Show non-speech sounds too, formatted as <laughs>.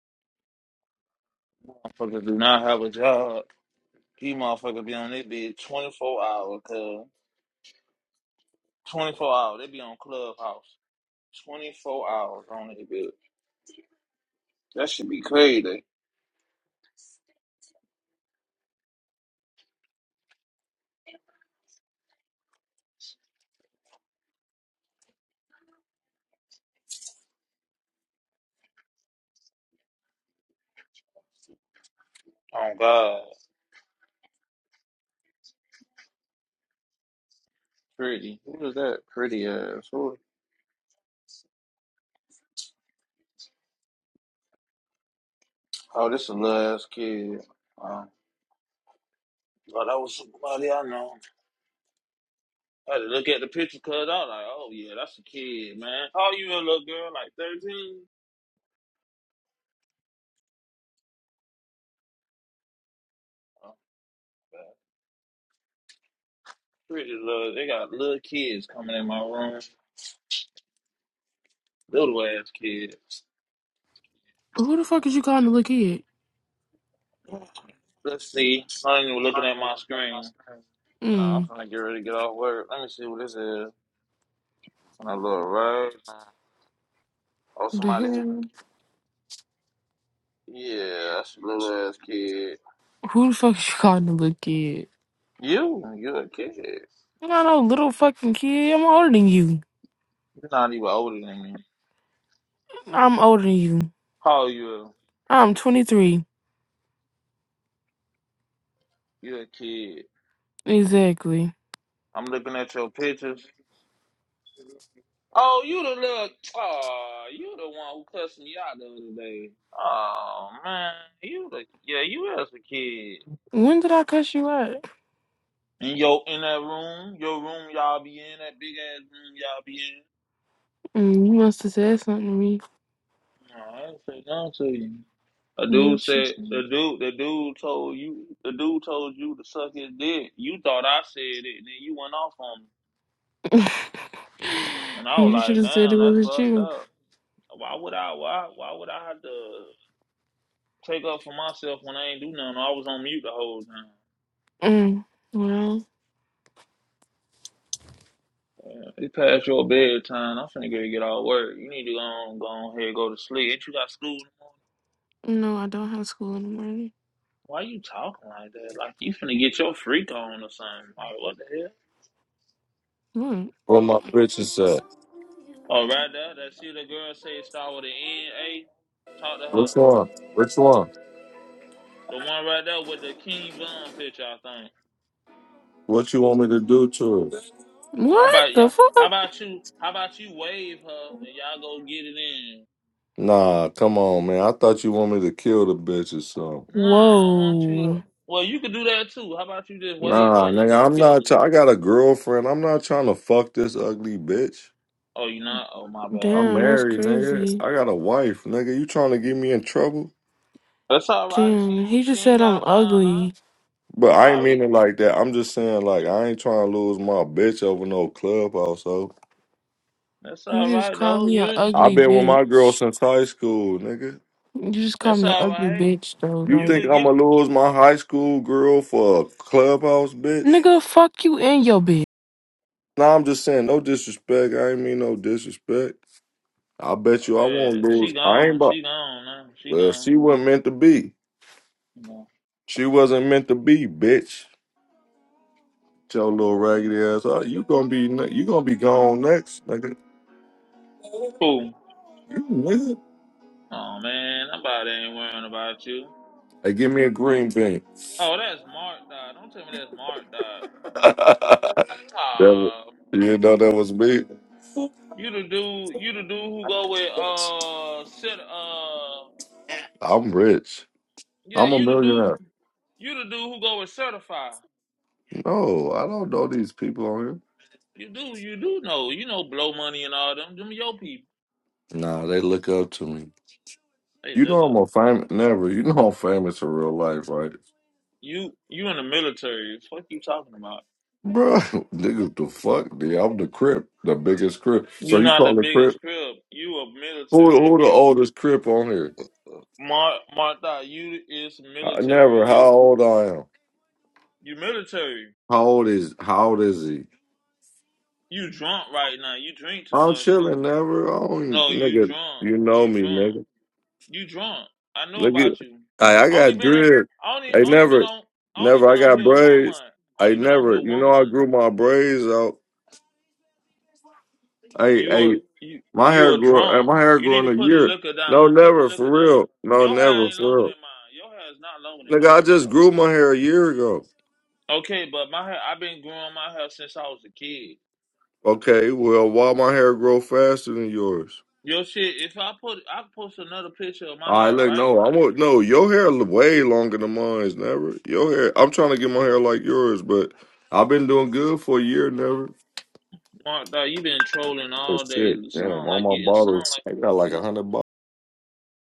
Motherfuckers do not have a job. These motherfuckers be on their bed 24 hours, cuz. 24 hours. They be on Clubhouse. 24 hours on their bed. That should be crazy. Oh, God. Pretty. Who is that pretty ass? Who? Oh, this a little ass kid. Oh, well, that was somebody I know. I had to look at the picture, cuz. I was like, oh, yeah, that's a kid, man. How old you a little girl? Like 13? Oh, God. Pretty little. They got little kids coming in my room. Little ass kids. Who the fuck is you calling a little kid? Let's see. I'm Not even looking at my screen. No, I'm Mm, finna get ready to get off work. Let me see what this is. When I look right now. Oh, the somebody who. hell? Yeah, that's a little ass kid. Who the fuck is you calling a little kid? You? you a kid. I don't know, little fucking kid. I'm older than you. You're not even older than me. I'm older than you. How old you? I'm 23. You're a kid. Exactly. I'm looking at your pictures. Oh, you the little. Oh, you the one who cussed me out the other day. Oh, man. You the. Yeah, you as a kid. When did I cuss you out? In yo, in that room, your room y'all be in, that big ass room y'all be Mm, you must have said something to me. in. No, I ain't say nothing to you. A You dude should, said the dude the dude told you the dude told you to suck his dick. You thought I said it, and then you went off on me. And <laughs> I was you should like, have said it damn, that's wasn't fucked you. up. Why would I why why would I have to take up for myself when I ain't do nothing? I was on mute the whole time. Mm, well, Yeah, It's past your bedtime. I'm finna get get all work. You need to go on, go on here, go to sleep. Ain't you got school tomorrow? no, I don't have school in the morning. Why you talking like that? Like you finna get your freak on or something. Like what the hell? What? Where my bitches at? Oh, right there, that see the girl say it start with an N A. Talk to her. Which one? Which one? The one right there with the King Von picture, I What you want me to do to it? think. How What about the y'all? How fuck? about you? How about you wave her and y'all go get it in? Nah, come on, man. I thought you want me to kill the bitches, so. Nah, I want you to. Whoa. Well, you could do that too. How about you just wave Nah, her and then nigga, go I'm kill not. her? Try- I got a girlfriend. I'm not trying to fuck this ugly bitch. Oh, you not? Oh, my bad. I'm Damn, that's married, nigga. crazy. I got a wife, nigga. You trying to get me in trouble? That's all right. She Damn, he ain't- she just said ain't I'm gotta find out. ugly. But You I ain't mean probably. it like that. I'm just saying, like, I ain't trying to lose my bitch over no clubhouse. So That's You all just right called though. me a You. I've ugly been with my girl bitch. since high school, nigga. You just called That's me an all ugly right. bitch, though. You You Like, think could get I'ma lose my high school girl for a clubhouse bitch? nigga, fuck you and your bitch. Nah, I'm just saying, no disrespect. I ain't mean no disrespect. I bet oh, you I won't that. She lose. I ain't gone. about. She gone now. She well, gone. she wasn't meant to be. Yeah. She wasn't meant to be, bitch. Your little raggedy ass. Oh, you gonna be ne- you gonna be gone next, nigga. Cool. You nigga. Oh man, nobody ain't worrying about you. Hey, give me a green bean. <laughs> Oh, that's Mark Dot. Don't tell me that's Mark Dot. That was- Oh, you know that was me. you the dude. You the dude who go with uh set uh I'm rich. yeah. I'm a You the dude. millionaire. You the dude who go with certify. No, I don't know these people on here. You do. You do know. You know blow money and all them. Them your people. Nah, they look up to me. Hey, You look know up. I'm a famous never. You know I'm famous in real life, right? You you in the military. What you talking about? Bro, <laughs> niggas the fuck, dude. I'm the Crip, the biggest Crip. So You you not the call the Crip? biggest crib. You a Who military. who the You oldest Crip on here? Mar Martha, you is Uh, military. never. How You old I am? you military. How old is how old is he? You drunk right now. You drink too I'm much too. chilling, never. I don't, No, you nigga, drunk. you know You me, drunk. nigga. You drunk. I know Nigga, about you. I I I only got been a, dread. I only I only been never, on I only never. been I on got here one braids. month. I Only been on here never. You one know I month. grew my braids out. I, You hey, a you My you hair a grew. uh, drunk. My hair You grew need to in a put the year. liquor No, down. Put the never liquor for down. real. No, Your hair never ain't for longer real. than mine. Your hair is not longer than Nigga, I mine, so. just grew my hair a year ago. Okay, but my hair, I've been growing my hair since I was a kid. Okay, well, why my hair grow faster than yours? Yo, shit, if I put, I post another picture of my I hair, look, right? no, I want no. Your hair l- way longer than mine's. Never. Your hair. I'm trying to get my hair like yours, but I've been doing good for a year. Never. Mark, dog, you been trolling Oh all day. shit! It Damn, sound all like my you, it sound bottles. like I got like a hundred.